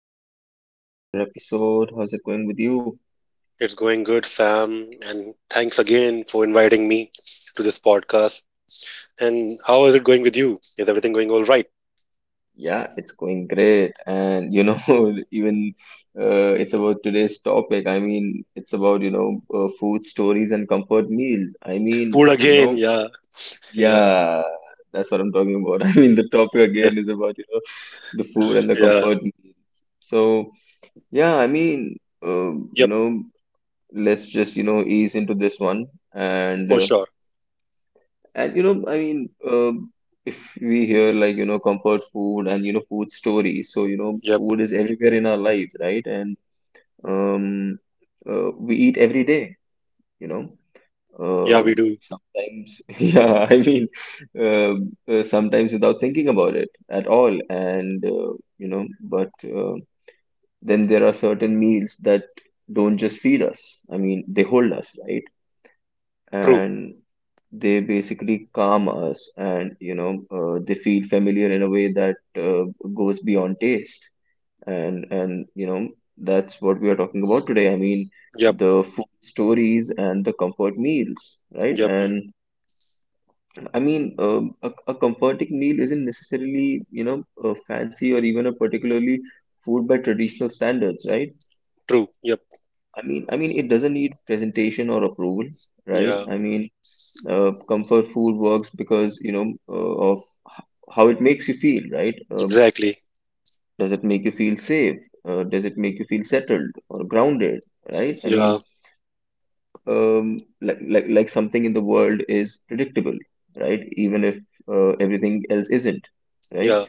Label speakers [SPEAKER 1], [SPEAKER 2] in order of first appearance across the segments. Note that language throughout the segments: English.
[SPEAKER 1] another podcast, another episode. How's it going with you?
[SPEAKER 2] It's going good, Sam, and thanks again for inviting me to this podcast. And how is it going with you? Is everything going all right?
[SPEAKER 1] Yeah, it's going great. Even it's about today's topic. I mean, it's about, you know, Food stories and comfort meals.
[SPEAKER 2] Food again. Yeah, yeah,
[SPEAKER 1] Yeah, that's what I'm talking about. The topic
[SPEAKER 2] yeah.
[SPEAKER 1] again is about, the food and the
[SPEAKER 2] Yeah.
[SPEAKER 1] comfort meals. So, yeah, uh, you
[SPEAKER 2] Yep.
[SPEAKER 1] know, let's just, ease into this one. And,
[SPEAKER 2] For
[SPEAKER 1] uh,
[SPEAKER 2] sure.
[SPEAKER 1] And if we hear like, comfort food and, food stories, so,
[SPEAKER 2] Yep.
[SPEAKER 1] food is everywhere in our lives, right? And um, we eat every day, you know.
[SPEAKER 2] Yeah, we do.
[SPEAKER 1] Sometimes, sometimes without thinking about it at all. And, you know, but Then there are certain meals that don't just feed us. I mean, they hold us, right?
[SPEAKER 2] True.
[SPEAKER 1] And they basically calm us, and they feel familiar in a way that goes beyond taste. And that's what we are talking about today.
[SPEAKER 2] Yep,
[SPEAKER 1] The food stories and the comfort meals, right?
[SPEAKER 2] yep, yep.
[SPEAKER 1] and I mean A comforting meal isn't necessarily fancy or even a particularly food by traditional standards, right?
[SPEAKER 2] True. Yep.
[SPEAKER 1] It doesn't need presentation or approval, right?
[SPEAKER 2] Yeah.
[SPEAKER 1] Comfort food works because of h- how it makes you feel, right?
[SPEAKER 2] Exactly.
[SPEAKER 1] Does it make you feel safe? Does it make you feel settled or grounded, right? i mean
[SPEAKER 2] Yeah,
[SPEAKER 1] um, like, like like something in the world is predictable, right, even if everything else isn't, right?
[SPEAKER 2] yeah.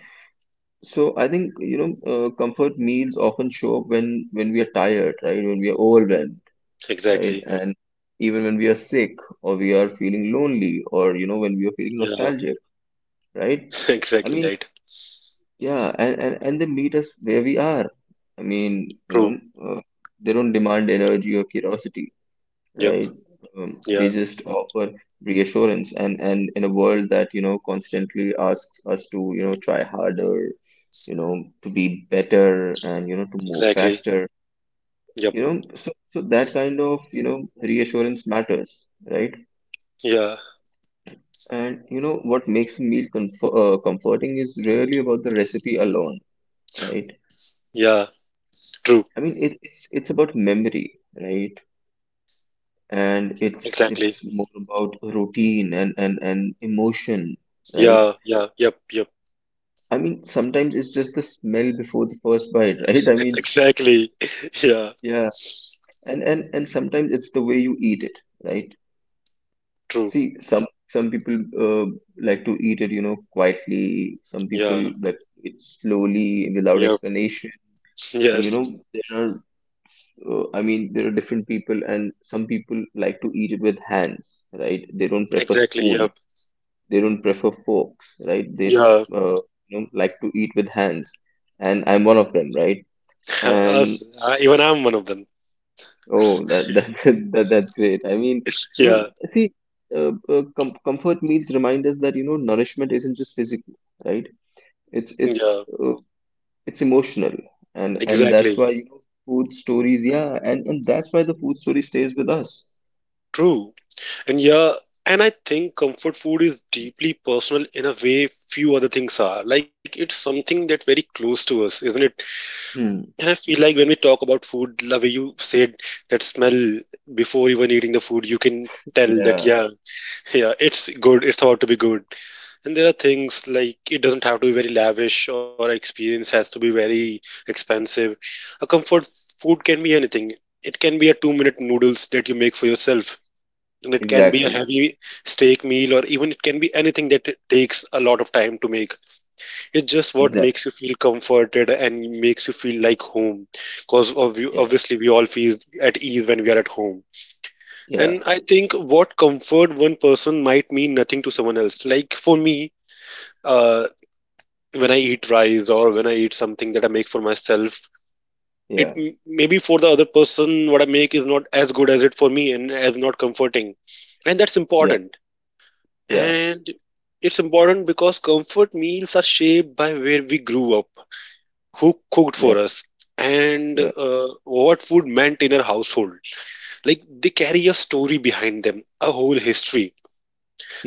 [SPEAKER 1] So I think, comfort meals often show up when we are tired, right, when we are overwhelmed, right,
[SPEAKER 2] Exactly.
[SPEAKER 1] and even when we are sick or we are feeling lonely or, when we
[SPEAKER 2] Yeah.
[SPEAKER 1] are feeling nostalgic, right?
[SPEAKER 2] Exactly, right.
[SPEAKER 1] I mean, yeah, and they meet us where we are. I mean, you
[SPEAKER 2] True.
[SPEAKER 1] know, uh, they don't demand energy or curiosity,
[SPEAKER 2] Yep.
[SPEAKER 1] right?
[SPEAKER 2] Yeah.
[SPEAKER 1] They just offer reassurance. And in a world that, constantly asks us to, try harder, to be better and, to move
[SPEAKER 2] Exactly.
[SPEAKER 1] faster,
[SPEAKER 2] Yep.
[SPEAKER 1] so that kind of, reassurance matters, right?
[SPEAKER 2] Yeah,
[SPEAKER 1] And, what makes a meal comforting is really about the recipe alone, right?
[SPEAKER 2] yeah. True.
[SPEAKER 1] I mean, it's about memory, right? And
[SPEAKER 2] Exactly.
[SPEAKER 1] it's more about routine and emotion, right?
[SPEAKER 2] Yeah, yeah. Yep, yep.
[SPEAKER 1] I mean, sometimes it's just the smell before the first bite, right?
[SPEAKER 2] Exactly. Yeah.
[SPEAKER 1] Yeah, and sometimes it's the way you eat it, right?
[SPEAKER 2] True.
[SPEAKER 1] See, some people like to eat it, quietly. Some people
[SPEAKER 2] Yeah.
[SPEAKER 1] like it slowly without
[SPEAKER 2] Yep.
[SPEAKER 1] explanation. And you
[SPEAKER 2] Yes.
[SPEAKER 1] know there are I mean There are different people, and some people like to eat with hands, right? They don't prefer
[SPEAKER 2] Exactly.
[SPEAKER 1] spoon,
[SPEAKER 2] Yep.
[SPEAKER 1] they don't prefer forks, right? they
[SPEAKER 2] Yeah.
[SPEAKER 1] uh, you know like to eat with hands, and I'm one of them, right? and
[SPEAKER 2] Us. Even I'm one of them.
[SPEAKER 1] Oh, that's great. You know
[SPEAKER 2] Yeah.
[SPEAKER 1] See, comfort meals remind us that, nourishment isn't just physical, right? it's it's
[SPEAKER 2] Yeah.
[SPEAKER 1] uh, it's emotional, and that's
[SPEAKER 2] Exactly.
[SPEAKER 1] why, food stories, yeah, and that's why the food story stays with us.
[SPEAKER 2] True. And yeah. And I think comfort food is deeply personal in a way few other things are. Like it's something that very close to us, isn't it?
[SPEAKER 1] Hmm.
[SPEAKER 2] And I feel like when we talk about food, the way you said that smell before even eating the food, you can tell that
[SPEAKER 1] Yeah.
[SPEAKER 2] yeah, yeah, it's good. It's about to be good. And there are things like it doesn't have to be very lavish or experience has to be very expensive. A comfort food can be anything. It can be a 2-minute noodles that you make for yourself. And it can be a
[SPEAKER 1] Exactly.
[SPEAKER 2] heavy steak meal or even it can be anything that it takes a lot of time to make. It's just what makes
[SPEAKER 1] Exactly.
[SPEAKER 2] you feel comforted and makes you feel like home. Because
[SPEAKER 1] Yeah,
[SPEAKER 2] obviously we all feel at ease when we are at home.
[SPEAKER 1] yeah,
[SPEAKER 2] And I think what comfort one person might mean nothing to someone else. Like for me, uh, when I eat rice or when I eat something that I make for myself, it
[SPEAKER 1] yeah,
[SPEAKER 2] maybe for the other person what I make is not as good as it for me and as not comforting, and that's
[SPEAKER 1] yeah,
[SPEAKER 2] important.
[SPEAKER 1] yeah,
[SPEAKER 2] And it's important because comfort meals are shaped by where we grew up, who cooked
[SPEAKER 1] yeah,
[SPEAKER 2] for us, and
[SPEAKER 1] yeah,
[SPEAKER 2] what food meant in our household. Like they
[SPEAKER 1] yeah,
[SPEAKER 2] carry a story behind them, a whole history.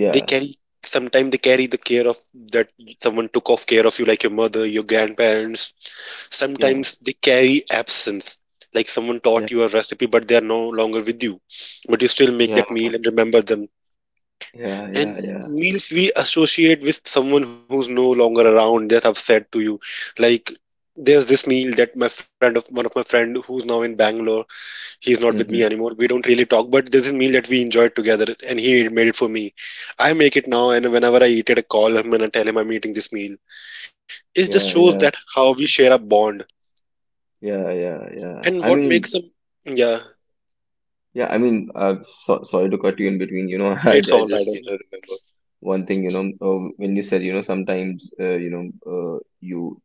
[SPEAKER 2] They carry sometimes they carry the care of that someone took off care of you, like your mother, your grandparents.
[SPEAKER 1] yeah,
[SPEAKER 2] Sometimes they carry absence, like someone
[SPEAKER 1] yeah,
[SPEAKER 2] taught you a recipe but they are no longer with you, but you still make
[SPEAKER 1] yeah,
[SPEAKER 2] that meal and remember them.
[SPEAKER 1] yeah,
[SPEAKER 2] And
[SPEAKER 1] yeah, yeah.
[SPEAKER 2] meals we associate with someone who's no longer around, that's upset to you. Like there's this meal that my friend of one of my friend who's now in Bangalore, he's not with me
[SPEAKER 1] Mm-hmm.
[SPEAKER 2] anymore. We don't really talk, but there's a meal that we enjoyed together and he made it for me. I make it now, and whenever I eat it I call him and I tell him I'm eating this meal. It just
[SPEAKER 1] Yeah,
[SPEAKER 2] shows
[SPEAKER 1] yeah,
[SPEAKER 2] that how we share a bond.
[SPEAKER 1] yeah, yeah, yeah.
[SPEAKER 2] And what makes them? Yeah,
[SPEAKER 1] Yeah I mean uh so, sorry to cut you in between,
[SPEAKER 2] it's
[SPEAKER 1] I
[SPEAKER 2] all right.
[SPEAKER 1] just, remember one thing, when you said, sometimes, you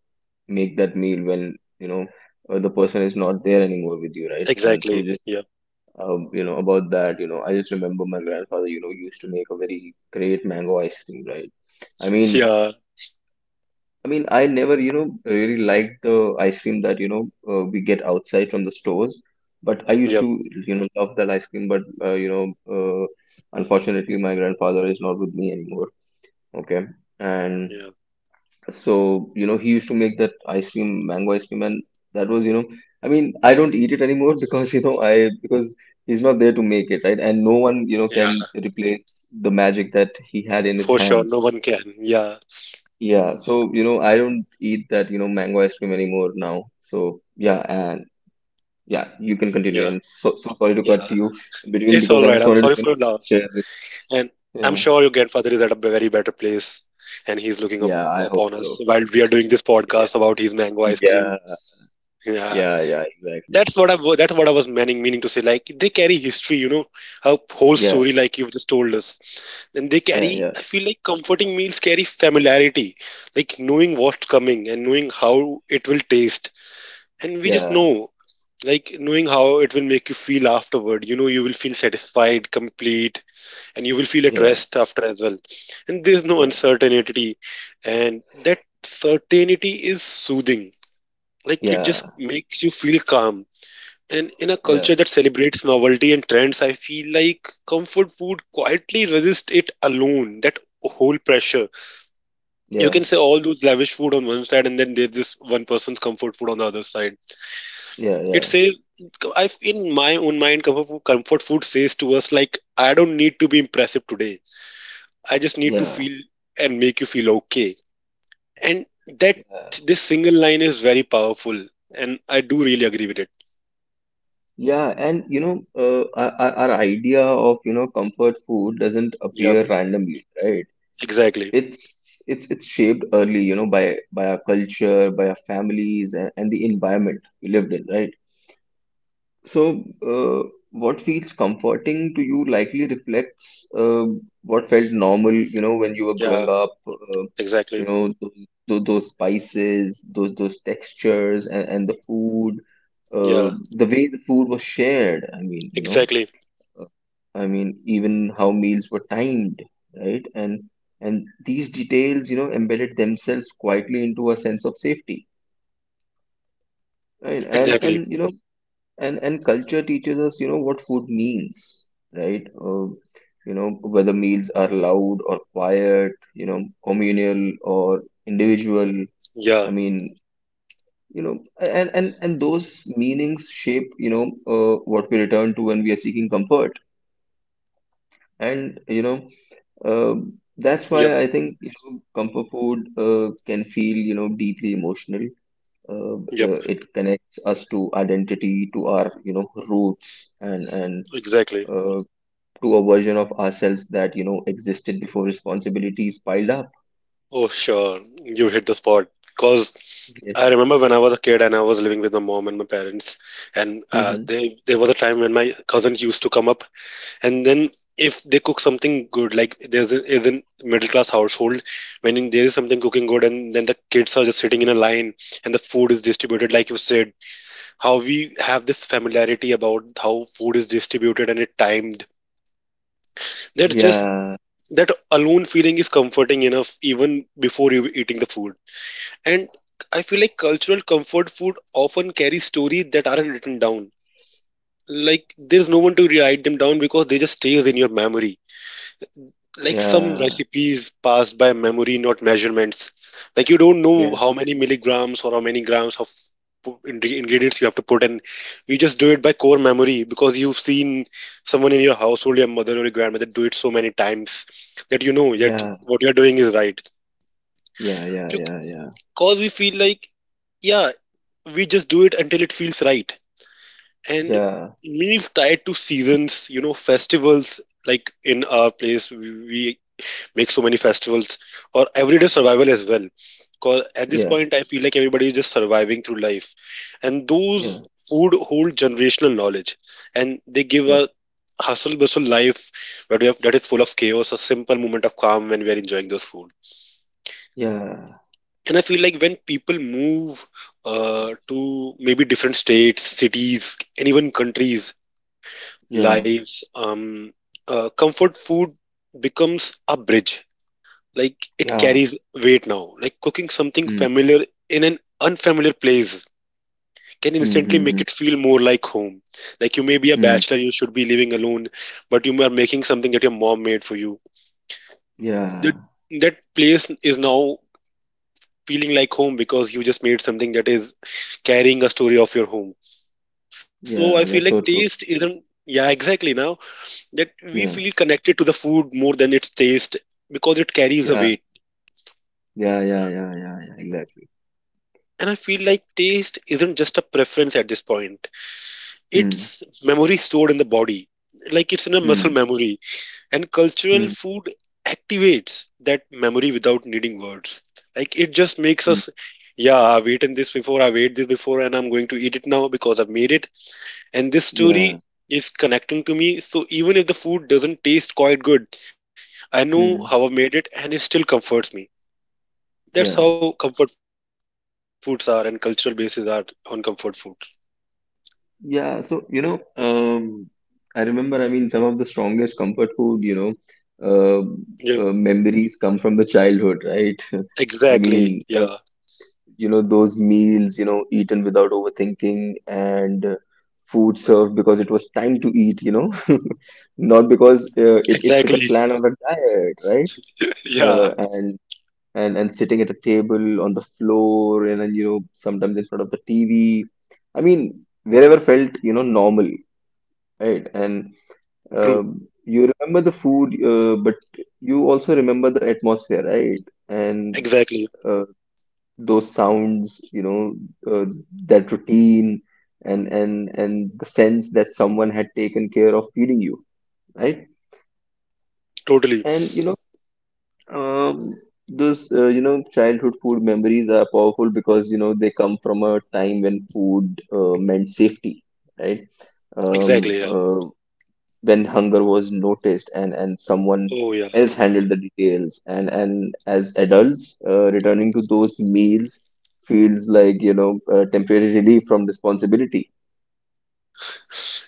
[SPEAKER 1] make that meal when, the person is not there anymore with you, right? And so just
[SPEAKER 2] Exactly. Yeah.
[SPEAKER 1] about that, I just remember my grandfather, used to make a very great mango ice cream, right? I mean,
[SPEAKER 2] Yeah.
[SPEAKER 1] I never, really liked the ice cream that we get outside from the stores, but I used to,
[SPEAKER 2] Yep.
[SPEAKER 1] love that ice cream. Unfortunately, my grandfather is not with me anymore. Okay, and
[SPEAKER 2] Yeah.
[SPEAKER 1] so, he used to make that ice cream, mango ice cream, and that was, I don't eat it anymore because, you know, I because he's not there to make it, right? And no one, can
[SPEAKER 2] Yeah.
[SPEAKER 1] replace the magic that he had in his
[SPEAKER 2] For sure,
[SPEAKER 1] hands.
[SPEAKER 2] no one can. Yeah.
[SPEAKER 1] Yeah, so, I don't eat that, mango ice cream anymore now. So, yeah, and yeah, you can continue.
[SPEAKER 2] Yeah.
[SPEAKER 1] I'm so sorry to
[SPEAKER 2] Yeah.
[SPEAKER 1] cut you in between
[SPEAKER 2] It's
[SPEAKER 1] because
[SPEAKER 2] all
[SPEAKER 1] I
[SPEAKER 2] right.
[SPEAKER 1] just
[SPEAKER 2] I'm
[SPEAKER 1] wanted to,
[SPEAKER 2] sorry for your loss,
[SPEAKER 1] share this.
[SPEAKER 2] and I'm
[SPEAKER 1] Yeah.
[SPEAKER 2] sure your grandfather is at a very better place, and he's looking up
[SPEAKER 1] Yeah, I hope
[SPEAKER 2] upon
[SPEAKER 1] so.
[SPEAKER 2] us while we are doing this
[SPEAKER 1] Yeah.
[SPEAKER 2] podcast about his mango ice cream.
[SPEAKER 1] Yeah.
[SPEAKER 2] Yeah.
[SPEAKER 1] Yeah, yeah, exactly.
[SPEAKER 2] That's what I was meaning to say. Like they carry history, you know, a whole
[SPEAKER 1] Yeah,
[SPEAKER 2] story like you've just told us. And they
[SPEAKER 1] yeah,
[SPEAKER 2] carry
[SPEAKER 1] yeah,
[SPEAKER 2] I feel like comforting meals carry familiarity, like knowing what's coming and knowing how it will taste, and we just
[SPEAKER 1] yeah.
[SPEAKER 2] know, like knowing how it will make you feel afterward. You will feel satisfied, complete, and you will feel at
[SPEAKER 1] Yeah.
[SPEAKER 2] rest after as well, and there's no
[SPEAKER 1] Yeah,
[SPEAKER 2] uncertainty. And that certainty is soothing, like it
[SPEAKER 1] yeah,
[SPEAKER 2] just makes you feel calm. And in a
[SPEAKER 1] yeah,
[SPEAKER 2] culture that celebrates novelty and trends, I feel like comfort food quietly resists it alone, that whole pressure. You
[SPEAKER 1] yeah,
[SPEAKER 2] can say all those lavish food on one side, and then there's this one person's comfort food on the other side.
[SPEAKER 1] yeah,
[SPEAKER 2] It
[SPEAKER 1] yeah,
[SPEAKER 2] says, I, in my own mind, comfort food says to us, like, I don't need to be impressive today. I just need to
[SPEAKER 1] yeah,
[SPEAKER 2] feel and make you feel okay. And that
[SPEAKER 1] yeah,
[SPEAKER 2] this single line is very powerful. And I do really agree with it.
[SPEAKER 1] yeah. And you know, our idea of, comfort food doesn't appear
[SPEAKER 2] Yeah,
[SPEAKER 1] randomly, right?
[SPEAKER 2] exactly.
[SPEAKER 1] It's it's shaped early, by our culture, by our families, and the environment we lived in, right? So, what feels comforting to you likely reflects what felt normal, when you were growing
[SPEAKER 2] Yeah,
[SPEAKER 1] up. You
[SPEAKER 2] exactly.
[SPEAKER 1] know, those, those spices, those textures, and the food, uh,
[SPEAKER 2] Yeah.
[SPEAKER 1] the way the food was shared.
[SPEAKER 2] Exactly,
[SPEAKER 1] I mean, even how meals were timed, right? And these details, embedded themselves quietly into a sense of safety, right? And and
[SPEAKER 2] exactly.
[SPEAKER 1] you know. and and culture teaches us, what food means, right, you know whether meals are loud or quiet, communal or individual. I
[SPEAKER 2] Yeah,
[SPEAKER 1] mean you know and Those meanings shape, what we return to when we are seeking comfort, and, uh, that's why
[SPEAKER 2] yep,
[SPEAKER 1] I think, comfort food can feel, deeply emotional. uh,
[SPEAKER 2] yep,
[SPEAKER 1] it connects us to identity, to our, roots, and
[SPEAKER 2] exactly.
[SPEAKER 1] uh, to a version of ourselves that, existed before responsibilities piled up.
[SPEAKER 2] Oh, sure, you hit the spot. Because
[SPEAKER 1] Yeah.
[SPEAKER 2] I remember when I was a kid and I was living with my mom and my parents, and
[SPEAKER 1] Hmm.
[SPEAKER 2] there was a time when my cousins used to come up, and then if they cook something good, like is in middle class household, when there is something cooking good, and then the kids are just sitting in a line, and the food is distributed, like you said, how we have this familiarity about how food is distributed and it timed. That's just
[SPEAKER 1] Yeah,
[SPEAKER 2] that alone feeling is comforting enough even before you eating the food. And I feel like cultural comfort food often carry stories that aren't written down, like there's no one to write them down because they just stays in your memory. Like some
[SPEAKER 1] yeah,
[SPEAKER 2] recipes passed by memory, not measurements. Like you don't know
[SPEAKER 1] yeah,
[SPEAKER 2] how many milligrams or how many grams of ingredients you have to put in. You just do it by core memory because you've seen someone in your household, your mother or your grandmother, do it so many times that you know that
[SPEAKER 1] yeah,
[SPEAKER 2] what you're doing is right.
[SPEAKER 1] yeah, yeah, yeah,
[SPEAKER 2] Because we feel like, yeah, we just do it until it feels right. And meals tied to seasons, festivals, like in our place we make so many festivals, or everyday survival as well, because at this
[SPEAKER 1] yeah,
[SPEAKER 2] point I feel like everybody is just surviving through life. And
[SPEAKER 1] yeah, yeah,
[SPEAKER 2] those food hold generational knowledge, and they give
[SPEAKER 1] yeah,
[SPEAKER 2] a hustle bustle life where that is full of chaos a simple moment of calm when we are enjoying those food.
[SPEAKER 1] yeah,
[SPEAKER 2] And I feel like when people move to maybe different states, cities, and even countries
[SPEAKER 1] yeah, yeah,
[SPEAKER 2] lives, comfort food becomes a bridge. Like it
[SPEAKER 1] yeah.
[SPEAKER 2] carries weight now, like cooking something
[SPEAKER 1] Hmm.
[SPEAKER 2] familiar in an unfamiliar place can
[SPEAKER 1] Hmm.
[SPEAKER 2] instantly
[SPEAKER 1] Hmm.
[SPEAKER 2] make
[SPEAKER 1] Hmm.
[SPEAKER 2] it feel more like home. Like you may be a
[SPEAKER 1] Hmm.
[SPEAKER 2] bachelor, you should be living alone, but you are making something that your mom made for you, that
[SPEAKER 1] Yeah.
[SPEAKER 2] that place is now feeling like home because you just made something that is carrying a story of your home. So I feel
[SPEAKER 1] Yeah,
[SPEAKER 2] like
[SPEAKER 1] that's so
[SPEAKER 2] taste
[SPEAKER 1] true.
[SPEAKER 2] isn't, yeah, exactly, now that we feel
[SPEAKER 1] Yeah,
[SPEAKER 2] connected to the food more than its taste because it carries a
[SPEAKER 1] yeah,
[SPEAKER 2] weight.
[SPEAKER 1] yeah, yeah, yeah, yeah, yeah. Exactly.
[SPEAKER 2] And I feel like taste isn't just a preference at this point.
[SPEAKER 1] Hmm.
[SPEAKER 2] It's memory stored in the body, like it's in a muscle
[SPEAKER 1] Hmm.
[SPEAKER 2] memory. And cultural
[SPEAKER 1] Hmm.
[SPEAKER 2] food activates that memory without needing words. Like it just makes
[SPEAKER 1] Hmm.
[SPEAKER 2] us, yeah, I've eaten this before, I've ate this before, and I'm going to eat it now because I've made it. And this
[SPEAKER 1] Yeah.
[SPEAKER 2] story is connecting to me. So even if the food doesn't taste quite good, I know how I
[SPEAKER 1] Hmm.
[SPEAKER 2] made it and it still comforts me. That's
[SPEAKER 1] Yeah.
[SPEAKER 2] how comfort foods are and cultural bases are on comfort food.
[SPEAKER 1] Yeah, so I remember, some of the strongest comfort food, memories come from the childhood, right? I
[SPEAKER 2] Exactly.
[SPEAKER 1] mean, uh,
[SPEAKER 2] Yeah.
[SPEAKER 1] those meals, eaten without overthinking, and food served because it was time to eat, not because, it fit
[SPEAKER 2] Exactly.
[SPEAKER 1] a plan on a diet, right?
[SPEAKER 2] Yeah.
[SPEAKER 1] Uh, and and sitting at a table on the floor, and then, sometimes in front of the TV. I mean, wherever felt, normal. Right, and
[SPEAKER 2] True.
[SPEAKER 1] um, you remember the food, but you also remember the atmosphere, right? And
[SPEAKER 2] Exactly.
[SPEAKER 1] uh, those sounds, uh, that routine, and the sense that someone had taken care of feeding you, right?
[SPEAKER 2] Totally.
[SPEAKER 1] And um, you know, childhood food memories are powerful because, they come from a time when food meant safety, right? Um,
[SPEAKER 2] Exactly. Yeah.
[SPEAKER 1] uh, when hunger was noticed, and someone
[SPEAKER 2] Oh yeah.
[SPEAKER 1] else handled the details, and as adults, returning to those meals feels like, a temporary relief from responsibility.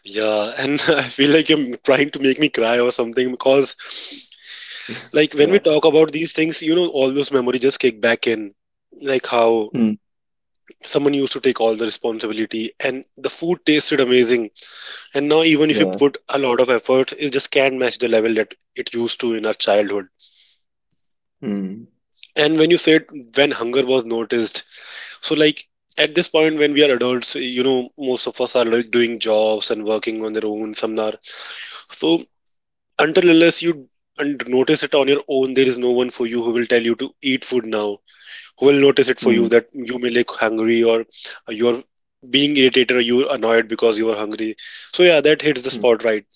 [SPEAKER 2] Yeah. And I feel like you're trying to make me cry or something because like when we
[SPEAKER 1] Yeah.
[SPEAKER 2] talk about these things, all those memories just kick back in. Like how
[SPEAKER 1] Hmm.
[SPEAKER 2] someone used to take all the responsibility and the food tasted amazing. And now even if you
[SPEAKER 1] Yeah.
[SPEAKER 2] put a lot of effort, it just can't match the level that it used to in our childhood.
[SPEAKER 1] Hmm.
[SPEAKER 2] And when you said when hunger was noticed, so, like, at this point, when we are adults, most of us are like doing jobs and working on their own, some are. So, until unless you and notice it on your own, there is no one for you who will tell you to eat food now, who will notice it for you
[SPEAKER 1] Hmm.
[SPEAKER 2] that you may like hungry or you're being irritated or you're annoyed because you are hungry. So, yeah, that hits the
[SPEAKER 1] Hmm.
[SPEAKER 2] spot right.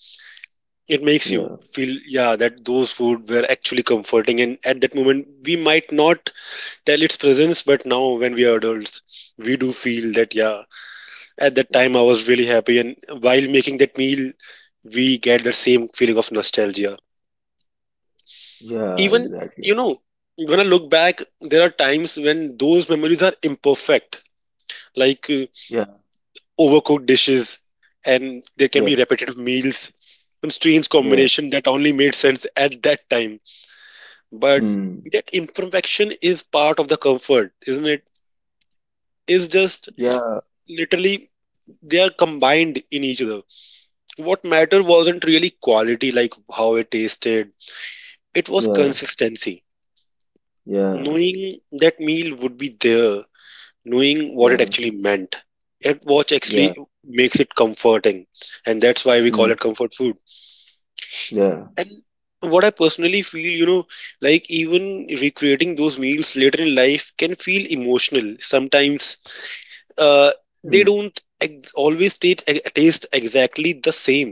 [SPEAKER 2] It makes you
[SPEAKER 1] Yeah.
[SPEAKER 2] feel, yeah, that those food were actually comforting. And at that moment, we might not tell its presence, but now when we are adults, we do feel that yeah, at that time, I was really happy, and while making that meal, we get that same feeling of nostalgia.
[SPEAKER 1] Yeah,
[SPEAKER 2] Even,
[SPEAKER 1] exactly.
[SPEAKER 2] you know, when I look back, there are times when those memories are imperfect, like
[SPEAKER 1] Yeah,
[SPEAKER 2] overcooked dishes, and there can
[SPEAKER 1] yeah,
[SPEAKER 2] be repetitive meals, some strange
[SPEAKER 1] yeah.
[SPEAKER 2] combination that only made sense at that time. But
[SPEAKER 1] Hmm.
[SPEAKER 2] that imperfection is part of the comfort, isn't it? Is just
[SPEAKER 1] Yeah,
[SPEAKER 2] literally they are combined in each other. What mattered wasn't really quality, like how it tasted. It was
[SPEAKER 1] yeah,
[SPEAKER 2] consistency,
[SPEAKER 1] yeah,
[SPEAKER 2] knowing that meal would be there, knowing what it
[SPEAKER 1] yeah,
[SPEAKER 2] actually meant and what actually
[SPEAKER 1] yeah.
[SPEAKER 2] makes it comforting. And that's why we call it
[SPEAKER 1] Hmm.
[SPEAKER 2] comfort food.
[SPEAKER 1] Yeah.
[SPEAKER 2] And what I personally feel, like even recreating those meals later in life can feel emotional sometimes. uh, they
[SPEAKER 1] Hmm.
[SPEAKER 2] don't always taste, taste exactly the same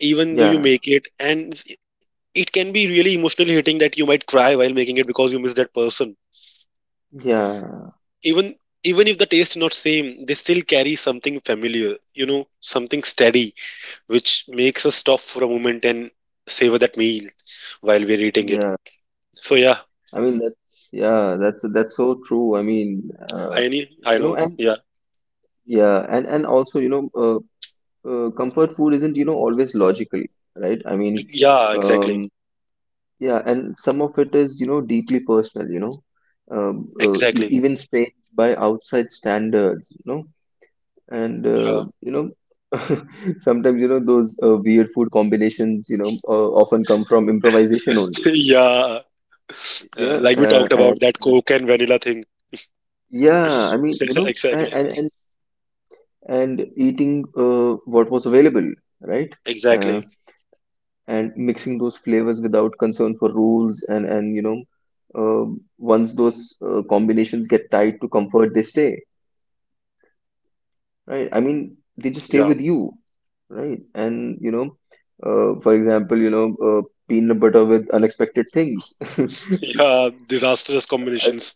[SPEAKER 2] even though you
[SPEAKER 1] yeah
[SPEAKER 2] make it, and it can be really emotionally hitting that you might cry while making it because you miss that person.
[SPEAKER 1] yeah
[SPEAKER 2] Even, even if the taste not same, they still carry something familiar, something steady, which makes us stop for a moment and savor that meal while we're eating it.
[SPEAKER 1] yeah
[SPEAKER 2] So yeah.
[SPEAKER 1] I mean that's yeah that's so true. I mean,
[SPEAKER 2] i know i
[SPEAKER 1] you
[SPEAKER 2] know
[SPEAKER 1] know, and
[SPEAKER 2] yeah.
[SPEAKER 1] yeah and also, you know, comfort food isn't, you know, always logical, right? I mean,
[SPEAKER 2] Yeah, exactly.
[SPEAKER 1] um yeah, and some of it is, you know, deeply personal, you know, um, e-
[SPEAKER 2] Exactly.
[SPEAKER 1] even strange by outside standards, you know. And
[SPEAKER 2] Yeah.
[SPEAKER 1] you know, sometimes, you know, those weird food combinations, you know, often come from improvisation only.
[SPEAKER 2] Yeah.
[SPEAKER 1] Yeah,
[SPEAKER 2] Like we talked about
[SPEAKER 1] and
[SPEAKER 2] that
[SPEAKER 1] uh,
[SPEAKER 2] coke and vanilla thing.
[SPEAKER 1] yeah. I mean, you know,
[SPEAKER 2] Exactly.
[SPEAKER 1] and eating what was available, right? Uh,
[SPEAKER 2] Exactly,
[SPEAKER 1] and mixing those flavors without concern for rules, and you know. Once those combinations get tied to comfort, they stay, right? I mean, they just stay
[SPEAKER 2] yeah.
[SPEAKER 1] with you, right? And you know, for example, you know, peanut butter with unexpected things.
[SPEAKER 2] Yeah, disastrous
[SPEAKER 1] I,
[SPEAKER 2] combinations.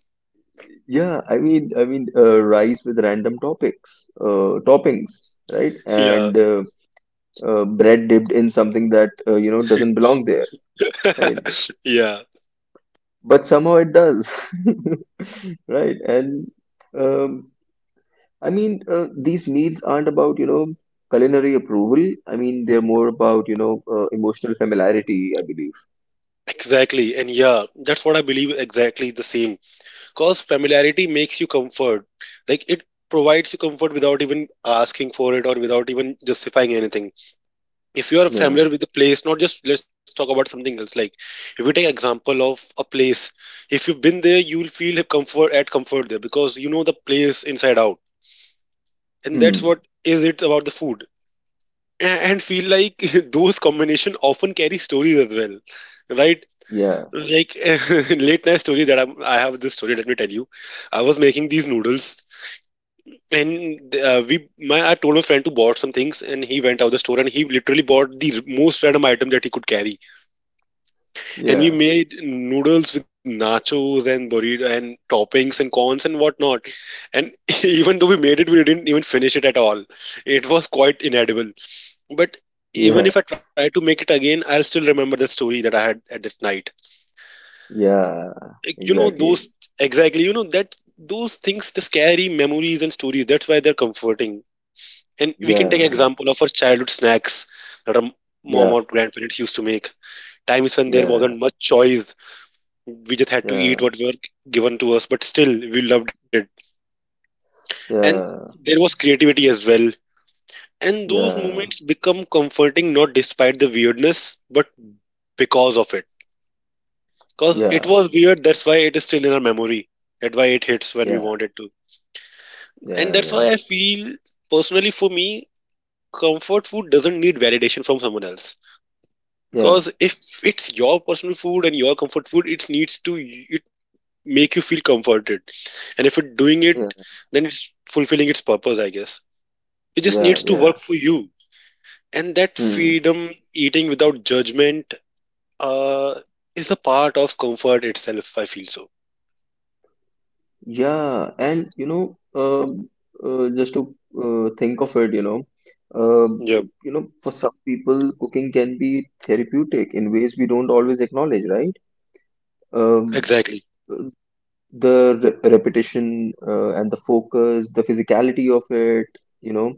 [SPEAKER 1] yeah, I mean, rice with random topics toppings, right?
[SPEAKER 2] Yeah.
[SPEAKER 1] And bread dipped in something that, you know, doesn't belong there, right?
[SPEAKER 2] Yeah,
[SPEAKER 1] But somehow it does. Right, and um, I mean, these meals aren't about, you know, culinary approval. I mean, they're more about, you know, emotional familiarity, I believe.
[SPEAKER 2] exactly. And yeah, that's what I believe, exactly the same. Because familiarity makes you comfort. Like, it provides you comfort without even asking for it or without even justifying anything. If you are
[SPEAKER 1] Yeah,
[SPEAKER 2] familiar with the place, not just, let's talk about something else. Like, if we take example of a place, if you've been there, you'll feel comfort at comfort there because you know the place inside out. And that's
[SPEAKER 1] hmm,
[SPEAKER 2] what is it about the food. And feel like those combination often carry stories as well, right?
[SPEAKER 1] yeah,
[SPEAKER 2] Like, late night story, I have this story, let me tell you. I was making these noodles, and we, my I told my friend to bought some things, and he went out the store and he literally bought the most random item that he could carry. And we
[SPEAKER 1] yeah,
[SPEAKER 2] made noodles with nachos and burrito and toppings and corns and whatnot. And even though we made it, we didn't even finish it at all. It was quite inedible. But
[SPEAKER 1] yeah,
[SPEAKER 2] even if I try to make it again, I'll still remember the story that I had at that night.
[SPEAKER 1] yeah,
[SPEAKER 2] Like, you know,
[SPEAKER 1] exactly,
[SPEAKER 2] those, exactly, you know, that those things just carry memories and stories. That's why they're comforting. And we can take
[SPEAKER 1] yeah,
[SPEAKER 2] example of our childhood snacks that our mom
[SPEAKER 1] yeah,
[SPEAKER 2] or grandparents used to make. Times when there
[SPEAKER 1] yeah,
[SPEAKER 2] wasn't much choice, we just had to eat
[SPEAKER 1] yeah,
[SPEAKER 2] what were given to us, but still we loved it. And
[SPEAKER 1] yeah,
[SPEAKER 2] there was creativity as well. And those
[SPEAKER 1] yeah,
[SPEAKER 2] moments become comforting not despite the weirdness, but because of it. Because it
[SPEAKER 1] yeah,
[SPEAKER 2] was weird, that's why it is still in our memory. That's why it hits when we
[SPEAKER 1] yeah,
[SPEAKER 2] want it to. And
[SPEAKER 1] yeah,
[SPEAKER 2] that's
[SPEAKER 1] yeah,
[SPEAKER 2] why I feel, personally for me, comfort food doesn't need validation from someone else.
[SPEAKER 1] yeah,
[SPEAKER 2] Because if it's your personal food and your comfort food, it needs to it make you feel comforted. And if it's doing
[SPEAKER 1] yeah,
[SPEAKER 2] it, then it's fulfilling its purpose, I guess. It just
[SPEAKER 1] yeah,
[SPEAKER 2] needs to
[SPEAKER 1] yeah,
[SPEAKER 2] work for you. And that
[SPEAKER 1] hmm.
[SPEAKER 2] freedom, eating without judgment, uh, is a part of comfort itself, I feel so.
[SPEAKER 1] Yeah, and you know, just to think of it, um
[SPEAKER 2] Yep,
[SPEAKER 1] you know, for some people, cooking can be therapeutic in ways we don't always acknowledge, right? Um,
[SPEAKER 2] exactly.
[SPEAKER 1] uh, the re repetition and the focus, the physicality of it, you know,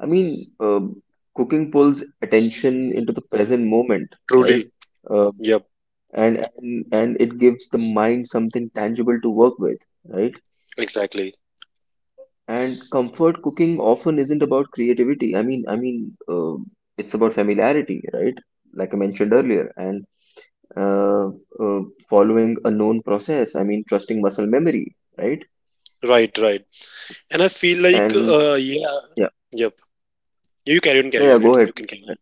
[SPEAKER 1] I mean, cooking pulls attention into the present moment, right?
[SPEAKER 2] Truly.
[SPEAKER 1] Uh,
[SPEAKER 2] Yep.
[SPEAKER 1] and it gives the mind something tangible to work with, right?
[SPEAKER 2] Exactly.
[SPEAKER 1] And comfort cooking often isn't about creativity. I mean, it's about familiarity, right? Like I mentioned earlier, and uh, uh, following a known process. I mean, trusting muscle memory, right?
[SPEAKER 2] Right. Right. And I feel like,
[SPEAKER 1] And
[SPEAKER 2] yeah.
[SPEAKER 1] yeah,
[SPEAKER 2] Yep. You carry on. Carry
[SPEAKER 1] yeah, yeah,
[SPEAKER 2] on.
[SPEAKER 1] go
[SPEAKER 2] It. You
[SPEAKER 1] ahead, please
[SPEAKER 2] can
[SPEAKER 1] go ahead.
[SPEAKER 2] carry.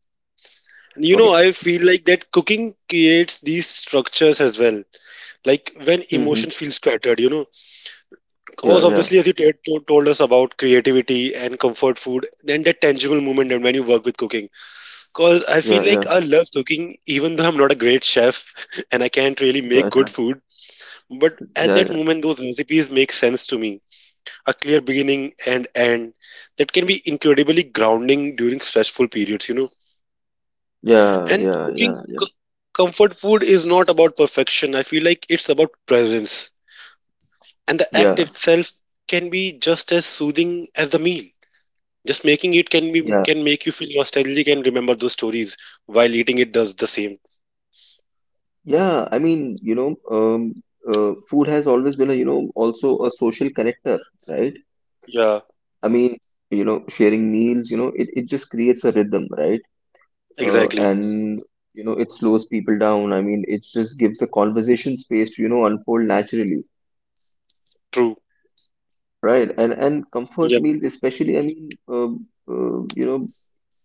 [SPEAKER 2] On. You know,
[SPEAKER 1] Okay.
[SPEAKER 2] I feel like that cooking creates these structures as well. Like, when
[SPEAKER 1] Mm-hmm.
[SPEAKER 2] emotions feel scattered, you know,
[SPEAKER 1] Yeah,
[SPEAKER 2] because
[SPEAKER 1] yeah,
[SPEAKER 2] obviously, as you told us about creativity and comfort food, then that tangible moment and when you work with cooking. Because I
[SPEAKER 1] yeah,
[SPEAKER 2] feel like
[SPEAKER 1] yeah,
[SPEAKER 2] I love cooking, even though I'm not a great chef and I can't really
[SPEAKER 1] yeah,
[SPEAKER 2] make good food. But at
[SPEAKER 1] yeah,
[SPEAKER 2] that
[SPEAKER 1] yeah,
[SPEAKER 2] moment, those recipes make sense to me, a clear beginning and end that can be incredibly grounding during stressful periods, you know.
[SPEAKER 1] yeah,
[SPEAKER 2] And
[SPEAKER 1] yeah, yeah,
[SPEAKER 2] cooking,
[SPEAKER 1] yeah, yeah,
[SPEAKER 2] c- comfort food is not about perfection, I feel like it's about presence. And the act
[SPEAKER 1] yeah,
[SPEAKER 2] itself can be just as soothing as the meal. Just making it can be,
[SPEAKER 1] yeah.
[SPEAKER 2] can make you feel nostalgic and remember those stories while eating it does the same.
[SPEAKER 1] Yeah, I mean, you know, food has always been a, you know, also a social connector, right?
[SPEAKER 2] Yeah,
[SPEAKER 1] I mean, you know, sharing meals, you know, it just creates a rhythm, right?
[SPEAKER 2] exactly.
[SPEAKER 1] And, you know, it slows people down. I mean, it just gives the conversation space to, you know, unfold naturally,
[SPEAKER 2] True.
[SPEAKER 1] right? And comfort
[SPEAKER 2] Yep.
[SPEAKER 1] meals, especially, I mean, you know,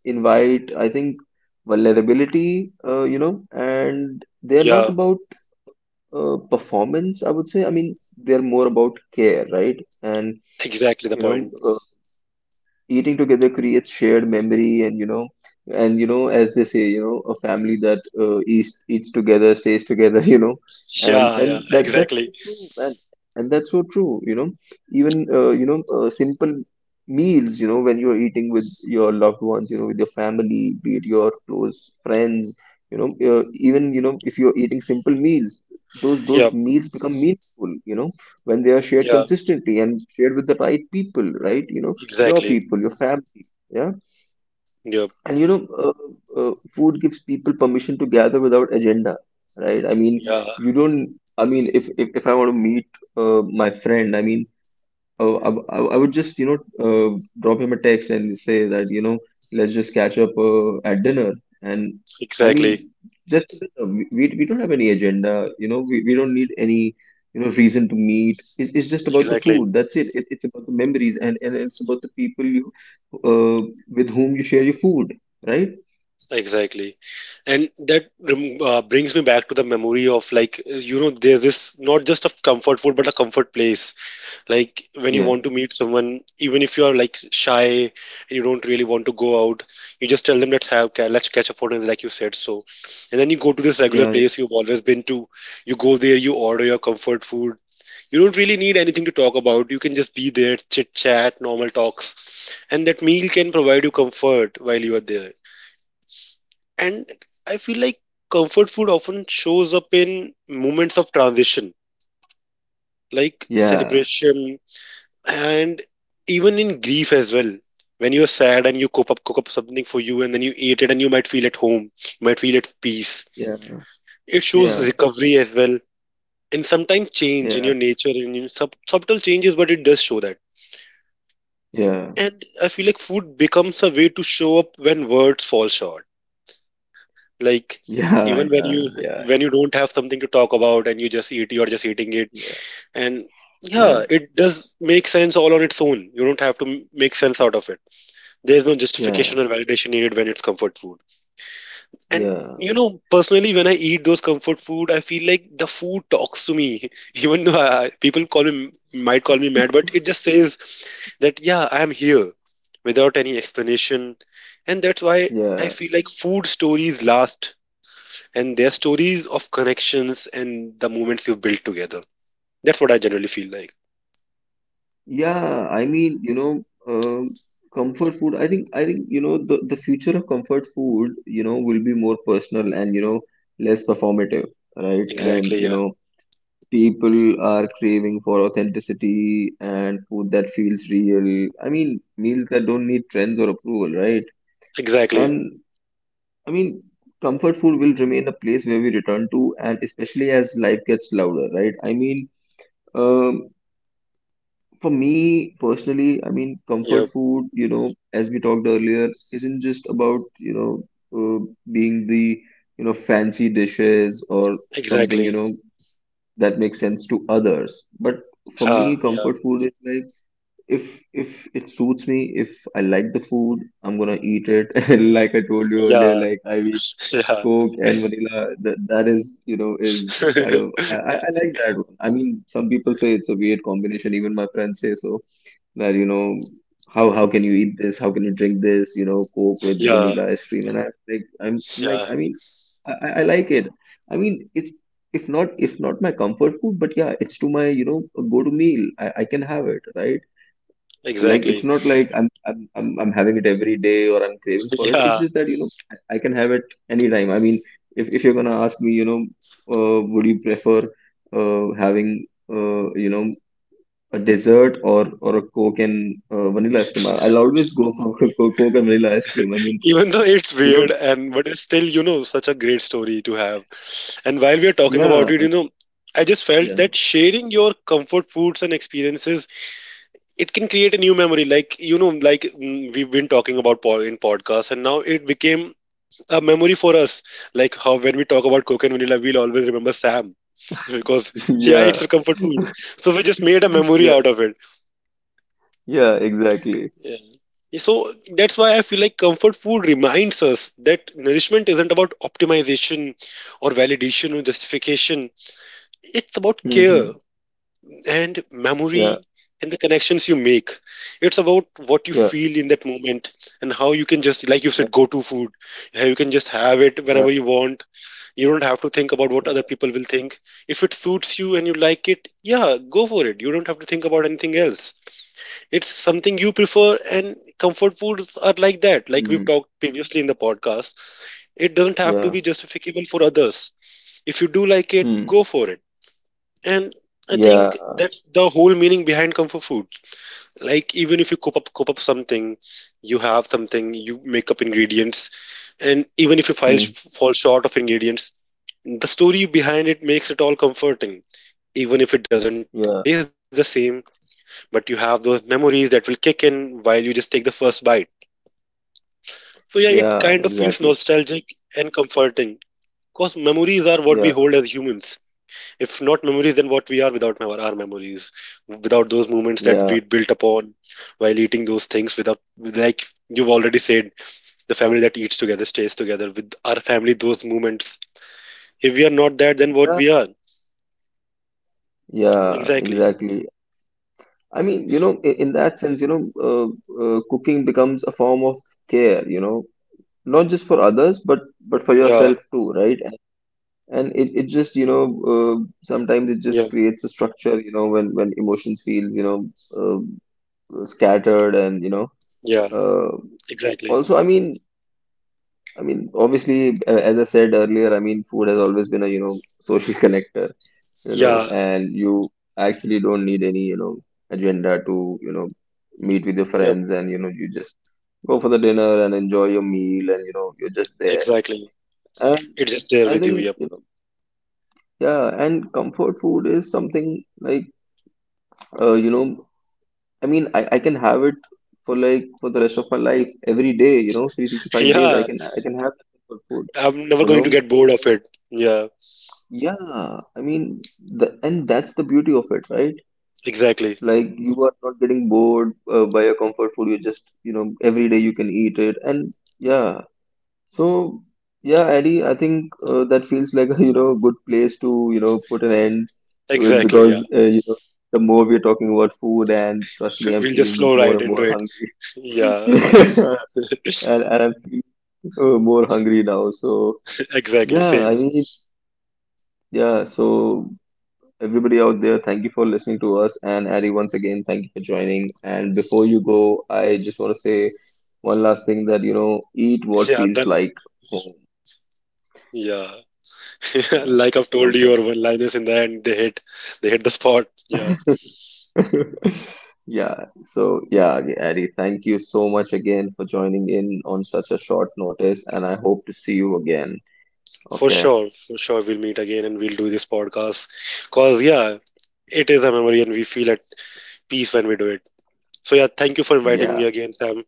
[SPEAKER 1] invite, I think, vulnerability, you know, and they're not
[SPEAKER 2] Yeah,
[SPEAKER 1] about performance, I would say. I mean, they're more about care, right? And,
[SPEAKER 2] exactly the
[SPEAKER 1] you know,
[SPEAKER 2] point.
[SPEAKER 1] eating together creates shared memory, and you know, and you know, as they say, you know, a family that eats together stays together, you know. And
[SPEAKER 2] Yeah,
[SPEAKER 1] and
[SPEAKER 2] yeah,
[SPEAKER 1] that that's so
[SPEAKER 2] exactly.
[SPEAKER 1] true, man, and that's so true, you know. Even you know, simple meals, you know, when you're eating with your loved ones, you know, with your family, be it your close friends, you know, even, you know, if you're eating simple meals, those
[SPEAKER 2] Yep.
[SPEAKER 1] meals become meaningful, you know, when they are shared
[SPEAKER 2] Yeah,
[SPEAKER 1] consistently and shared with the right people, right? You know, your
[SPEAKER 2] exactly.
[SPEAKER 1] people, your family. Yeah.
[SPEAKER 2] Yep.
[SPEAKER 1] And you know, food gives people permission to gather without agenda, right? I mean,
[SPEAKER 2] Yeah.
[SPEAKER 1] you don't, I mean, if I want to meet my friend, I mean, uh, I, I would just, you know, drop him a text and say that, you know, let's just catch up at dinner. And I
[SPEAKER 2] Exactly,
[SPEAKER 1] mean, just we don't have any agenda, you know, we don't need any, you know, reason to meet. It's just about the
[SPEAKER 2] exactly,
[SPEAKER 1] food. That's it. It's about the memories, and it's about the people you uh, with whom you share your food, right?
[SPEAKER 2] exactly. And that brings me back to the memory of, like, you know, there's this not just a comfort food, but a comfort place. Like when you want
[SPEAKER 1] Yeah.
[SPEAKER 2] to meet someone, even if you are like shy, and you don't really want to go out, you just tell them, let's catch a photo, and like you said, so. And then you go to this regular
[SPEAKER 1] Yeah.
[SPEAKER 2] place you've always been to, you go there, you order your comfort food. You don't really need anything to talk about. You can just be there, chit chat, normal talks, and that meal can provide you comfort while you are there. And I feel like comfort food often shows up in moments of transition, like
[SPEAKER 1] Yeah.
[SPEAKER 2] celebration and even in grief as well. When you're sad and you cook up something for you and then you eat it and you might feel at home, you might feel at peace.
[SPEAKER 1] Yeah.
[SPEAKER 2] It shows
[SPEAKER 1] Yeah.
[SPEAKER 2] recovery as well. And sometimes change in
[SPEAKER 1] Yeah.
[SPEAKER 2] your nature and in subtle changes, but it does show that.
[SPEAKER 1] Yeah.
[SPEAKER 2] And I feel like food becomes a way to show up when words fall short. Like,
[SPEAKER 1] Yeah.
[SPEAKER 2] even when you,
[SPEAKER 1] Yeah.
[SPEAKER 2] when you don't have something to talk about and you just eat, you're just eating it.
[SPEAKER 1] Yeah.
[SPEAKER 2] And yeah, it does make sense all on its own. You don't have to make sense out of it. There's no
[SPEAKER 1] Yeah. Yeah.
[SPEAKER 2] justification or validation needed when it's comfort food. And
[SPEAKER 1] Yeah.
[SPEAKER 2] you know, personally, when I eat those comfort food, I feel like the food talks to me. Even though people call me, might call me mad, but it just says that yeah, I am here without any explanation. And that's why I
[SPEAKER 1] Yeah.
[SPEAKER 2] feel like food stories last, and they're stories of connections and the moments you've built together. That's what I generally feel like.
[SPEAKER 1] Yeah, I mean, you know, comfort food. I think, you know, the future of comfort food, you know, will be more personal and, you know, less performative, right? And,
[SPEAKER 2] Exactly,
[SPEAKER 1] you
[SPEAKER 2] yeah.
[SPEAKER 1] know, people are craving for authenticity and food that feels real. I mean, meals that don't need trends or approval, right?
[SPEAKER 2] Exactly.
[SPEAKER 1] And I mean, comfort food will remain a place where we return to, and especially as life gets louder, right? I mean, um, for me personally, I mean, comfort
[SPEAKER 2] Yep.
[SPEAKER 1] food, you know, as we talked earlier, isn't just about, you know, uh, being the, you know, fancy dishes or something, you know,
[SPEAKER 2] Exactly.
[SPEAKER 1] that makes sense to others. But for me, comfort
[SPEAKER 2] Yeah.
[SPEAKER 1] food is like, if it suits me, if I like the food, I'm gonna eat it. And like I told you earlier,
[SPEAKER 2] Yeah.
[SPEAKER 1] like I eat
[SPEAKER 2] Yeah.
[SPEAKER 1] Coke and vanilla. That is, you know, is kind of, I like that one. I mean, some people say it's a weird combination. Even my friends say so, that you know, how can you eat this? How can you drink this? You know, Coke with
[SPEAKER 2] Yeah.
[SPEAKER 1] vanilla ice cream, and I like, I'm
[SPEAKER 2] Yeah,
[SPEAKER 1] like, I mean, I like it. I mean it's, if not my comfort food, but yeah, it's to my, you know, go to meal. I can have it, right. Like
[SPEAKER 2] exactly.
[SPEAKER 1] it's not like I'm having it every day or I'm craving for it. It's
[SPEAKER 2] Yeah.
[SPEAKER 1] just that, you know, I can have it anytime. I mean, if you're gonna ask me, you know, would you prefer having you know, a dessert, or a Coke and vanilla ice cream, I- I'll always go for Coke and vanilla ice cream. I mean,
[SPEAKER 2] Even though it's
[SPEAKER 1] you know,
[SPEAKER 2] weird and but it's still, you know, such a great story to have. And while we are talking about
[SPEAKER 1] yeah,
[SPEAKER 2] it, you know, I just felt
[SPEAKER 1] yeah,
[SPEAKER 2] that sharing your comfort foods and experiences, it can create a new memory, like, you know, like, we've been talking about in podcasts and now it became a memory for us, like how when we talk about coke and vanilla we'll always remember Sam. Because yeah,
[SPEAKER 1] yeah,
[SPEAKER 2] it's a comfort food, so we just made a memory
[SPEAKER 1] yeah,
[SPEAKER 2] out of it.
[SPEAKER 1] yeah, exactly.
[SPEAKER 2] Yeah. So that's why I feel like comfort food reminds us that nourishment isn't about optimization or validation or justification. It's about care
[SPEAKER 1] Hmm.
[SPEAKER 2] and
[SPEAKER 1] Yeah,
[SPEAKER 2] memory and the connections you make. It's about what you
[SPEAKER 1] yeah,
[SPEAKER 2] feel in that moment and how you can just, like you
[SPEAKER 1] yeah,
[SPEAKER 2] said, go to food, how you can just have it
[SPEAKER 1] yeah,
[SPEAKER 2] whenever you want. You don't have to think about what
[SPEAKER 1] yeah,
[SPEAKER 2] other people will think. If it suits you and you like it, yeah, go for it. You don't have to think about anything else. It's something you prefer, and comfort foods are like that. Like we've
[SPEAKER 1] mm,
[SPEAKER 2] talked previously in the podcast, it doesn't have to
[SPEAKER 1] yeah,
[SPEAKER 2] be justifiable for others. If you do like it,
[SPEAKER 1] mm,
[SPEAKER 2] go for it. And I
[SPEAKER 1] yeah,
[SPEAKER 2] think that's the whole meaning behind comfort food. Like, even if you cook up something, you have something, you make up ingredients, and even if you
[SPEAKER 1] mm,
[SPEAKER 2] fall short of ingredients, the story behind it makes it all comforting, even if it doesn't taste
[SPEAKER 1] yeah,
[SPEAKER 2] the same. But you have those memories that will kick in while you just take the first bite. So yeah, it
[SPEAKER 1] yeah,
[SPEAKER 2] kind of feels
[SPEAKER 1] exactly.
[SPEAKER 2] nostalgic and comforting because memories are what we
[SPEAKER 1] Yeah,
[SPEAKER 2] hold as humans. If not memories, then what we are without our memories, without those moments that
[SPEAKER 1] yeah,
[SPEAKER 2] we built upon while eating those things. Without, like you've already said, the family that eats together stays together. With our family, those moments. If we are not that, then what we
[SPEAKER 1] yeah,
[SPEAKER 2] are?
[SPEAKER 1] yeah,
[SPEAKER 2] Exactly.
[SPEAKER 1] exactly. I mean, you know, I- in that sense, you know, uh, cooking becomes a form of care, you know, not just for others, but for
[SPEAKER 2] Yeah.
[SPEAKER 1] yourself too, right? And it just, you know, uh, sometimes it
[SPEAKER 2] Yeah.
[SPEAKER 1] just creates a structure, you know, when emotions feels, you know, uh, scattered, and you know,
[SPEAKER 2] Yeah.
[SPEAKER 1] uh,
[SPEAKER 2] Exactly.
[SPEAKER 1] also, I mean, obviously as I said earlier, I mean food has always been a, you know, social connector, you know,
[SPEAKER 2] Yeah.
[SPEAKER 1] and you actually don't need any, you know, agenda to, you know, meet with your
[SPEAKER 2] Yep.
[SPEAKER 1] friends, and you know, you just go for the dinner and enjoy your meal, and you know, you're just there.
[SPEAKER 2] Exactly.
[SPEAKER 1] And
[SPEAKER 2] It's just there
[SPEAKER 1] I
[SPEAKER 2] with you.
[SPEAKER 1] think,
[SPEAKER 2] Yep.
[SPEAKER 1] you know, yeah, and comfort food is something like, you know, I mean, I can have it for like for the rest of my life, every day, you know, 365 days I
[SPEAKER 2] Yeah.
[SPEAKER 1] can I can have that comfort food,
[SPEAKER 2] I'm never
[SPEAKER 1] you
[SPEAKER 2] going
[SPEAKER 1] know.
[SPEAKER 2] to get bored of
[SPEAKER 1] And
[SPEAKER 2] it. Yeah.
[SPEAKER 1] yeah, I mean the, and that's the beauty of it, right?
[SPEAKER 2] Exactly.
[SPEAKER 1] Like you are not getting bored by your comfort food. You just, you know, every day you can eat it, and yeah, so yeah, Eddie, I think that feels like a you know, good place to you know, put an end to it,
[SPEAKER 2] Exactly. Yeah.
[SPEAKER 1] because you know, the more we're talking about food, and trust me, I'm
[SPEAKER 2] We'll just
[SPEAKER 1] feeling
[SPEAKER 2] flow
[SPEAKER 1] more
[SPEAKER 2] right
[SPEAKER 1] and more
[SPEAKER 2] into it.
[SPEAKER 1] hungry,
[SPEAKER 2] Yeah.
[SPEAKER 1] and I'm feeling more hungry now. So
[SPEAKER 2] Exactly.
[SPEAKER 1] yeah, I
[SPEAKER 2] Same.
[SPEAKER 1] mean yeah. So everybody out there, thank you for listening to us, and Eddie, once again, thank you for joining. And before you go, I just want to say one last thing that you know, eat what
[SPEAKER 2] Yeah.
[SPEAKER 1] feels
[SPEAKER 2] Then.
[SPEAKER 1] like home.
[SPEAKER 2] Yeah.
[SPEAKER 1] Yeah.
[SPEAKER 2] Like I've told you,
[SPEAKER 1] Okay.
[SPEAKER 2] your one-liners in the end, they hit. They hit the spot. Yeah.
[SPEAKER 1] Yeah. So yeah, Adi, thank you so much again for joining in on such a short notice, and I hope to see you again.
[SPEAKER 2] For
[SPEAKER 1] Okay.
[SPEAKER 2] sure. For sure. We'll meet again and we'll do this podcast. Cause yeah, it is a memory and we feel at peace when we do it. So yeah, thank you for inviting
[SPEAKER 1] Yeah.
[SPEAKER 2] me again, Sam.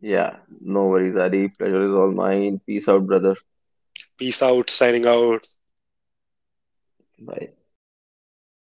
[SPEAKER 1] Yeah. No worries, Adi. Pleasure is all mine. Peace out, brother.
[SPEAKER 2] Peace out. Signing out.
[SPEAKER 1] Bye.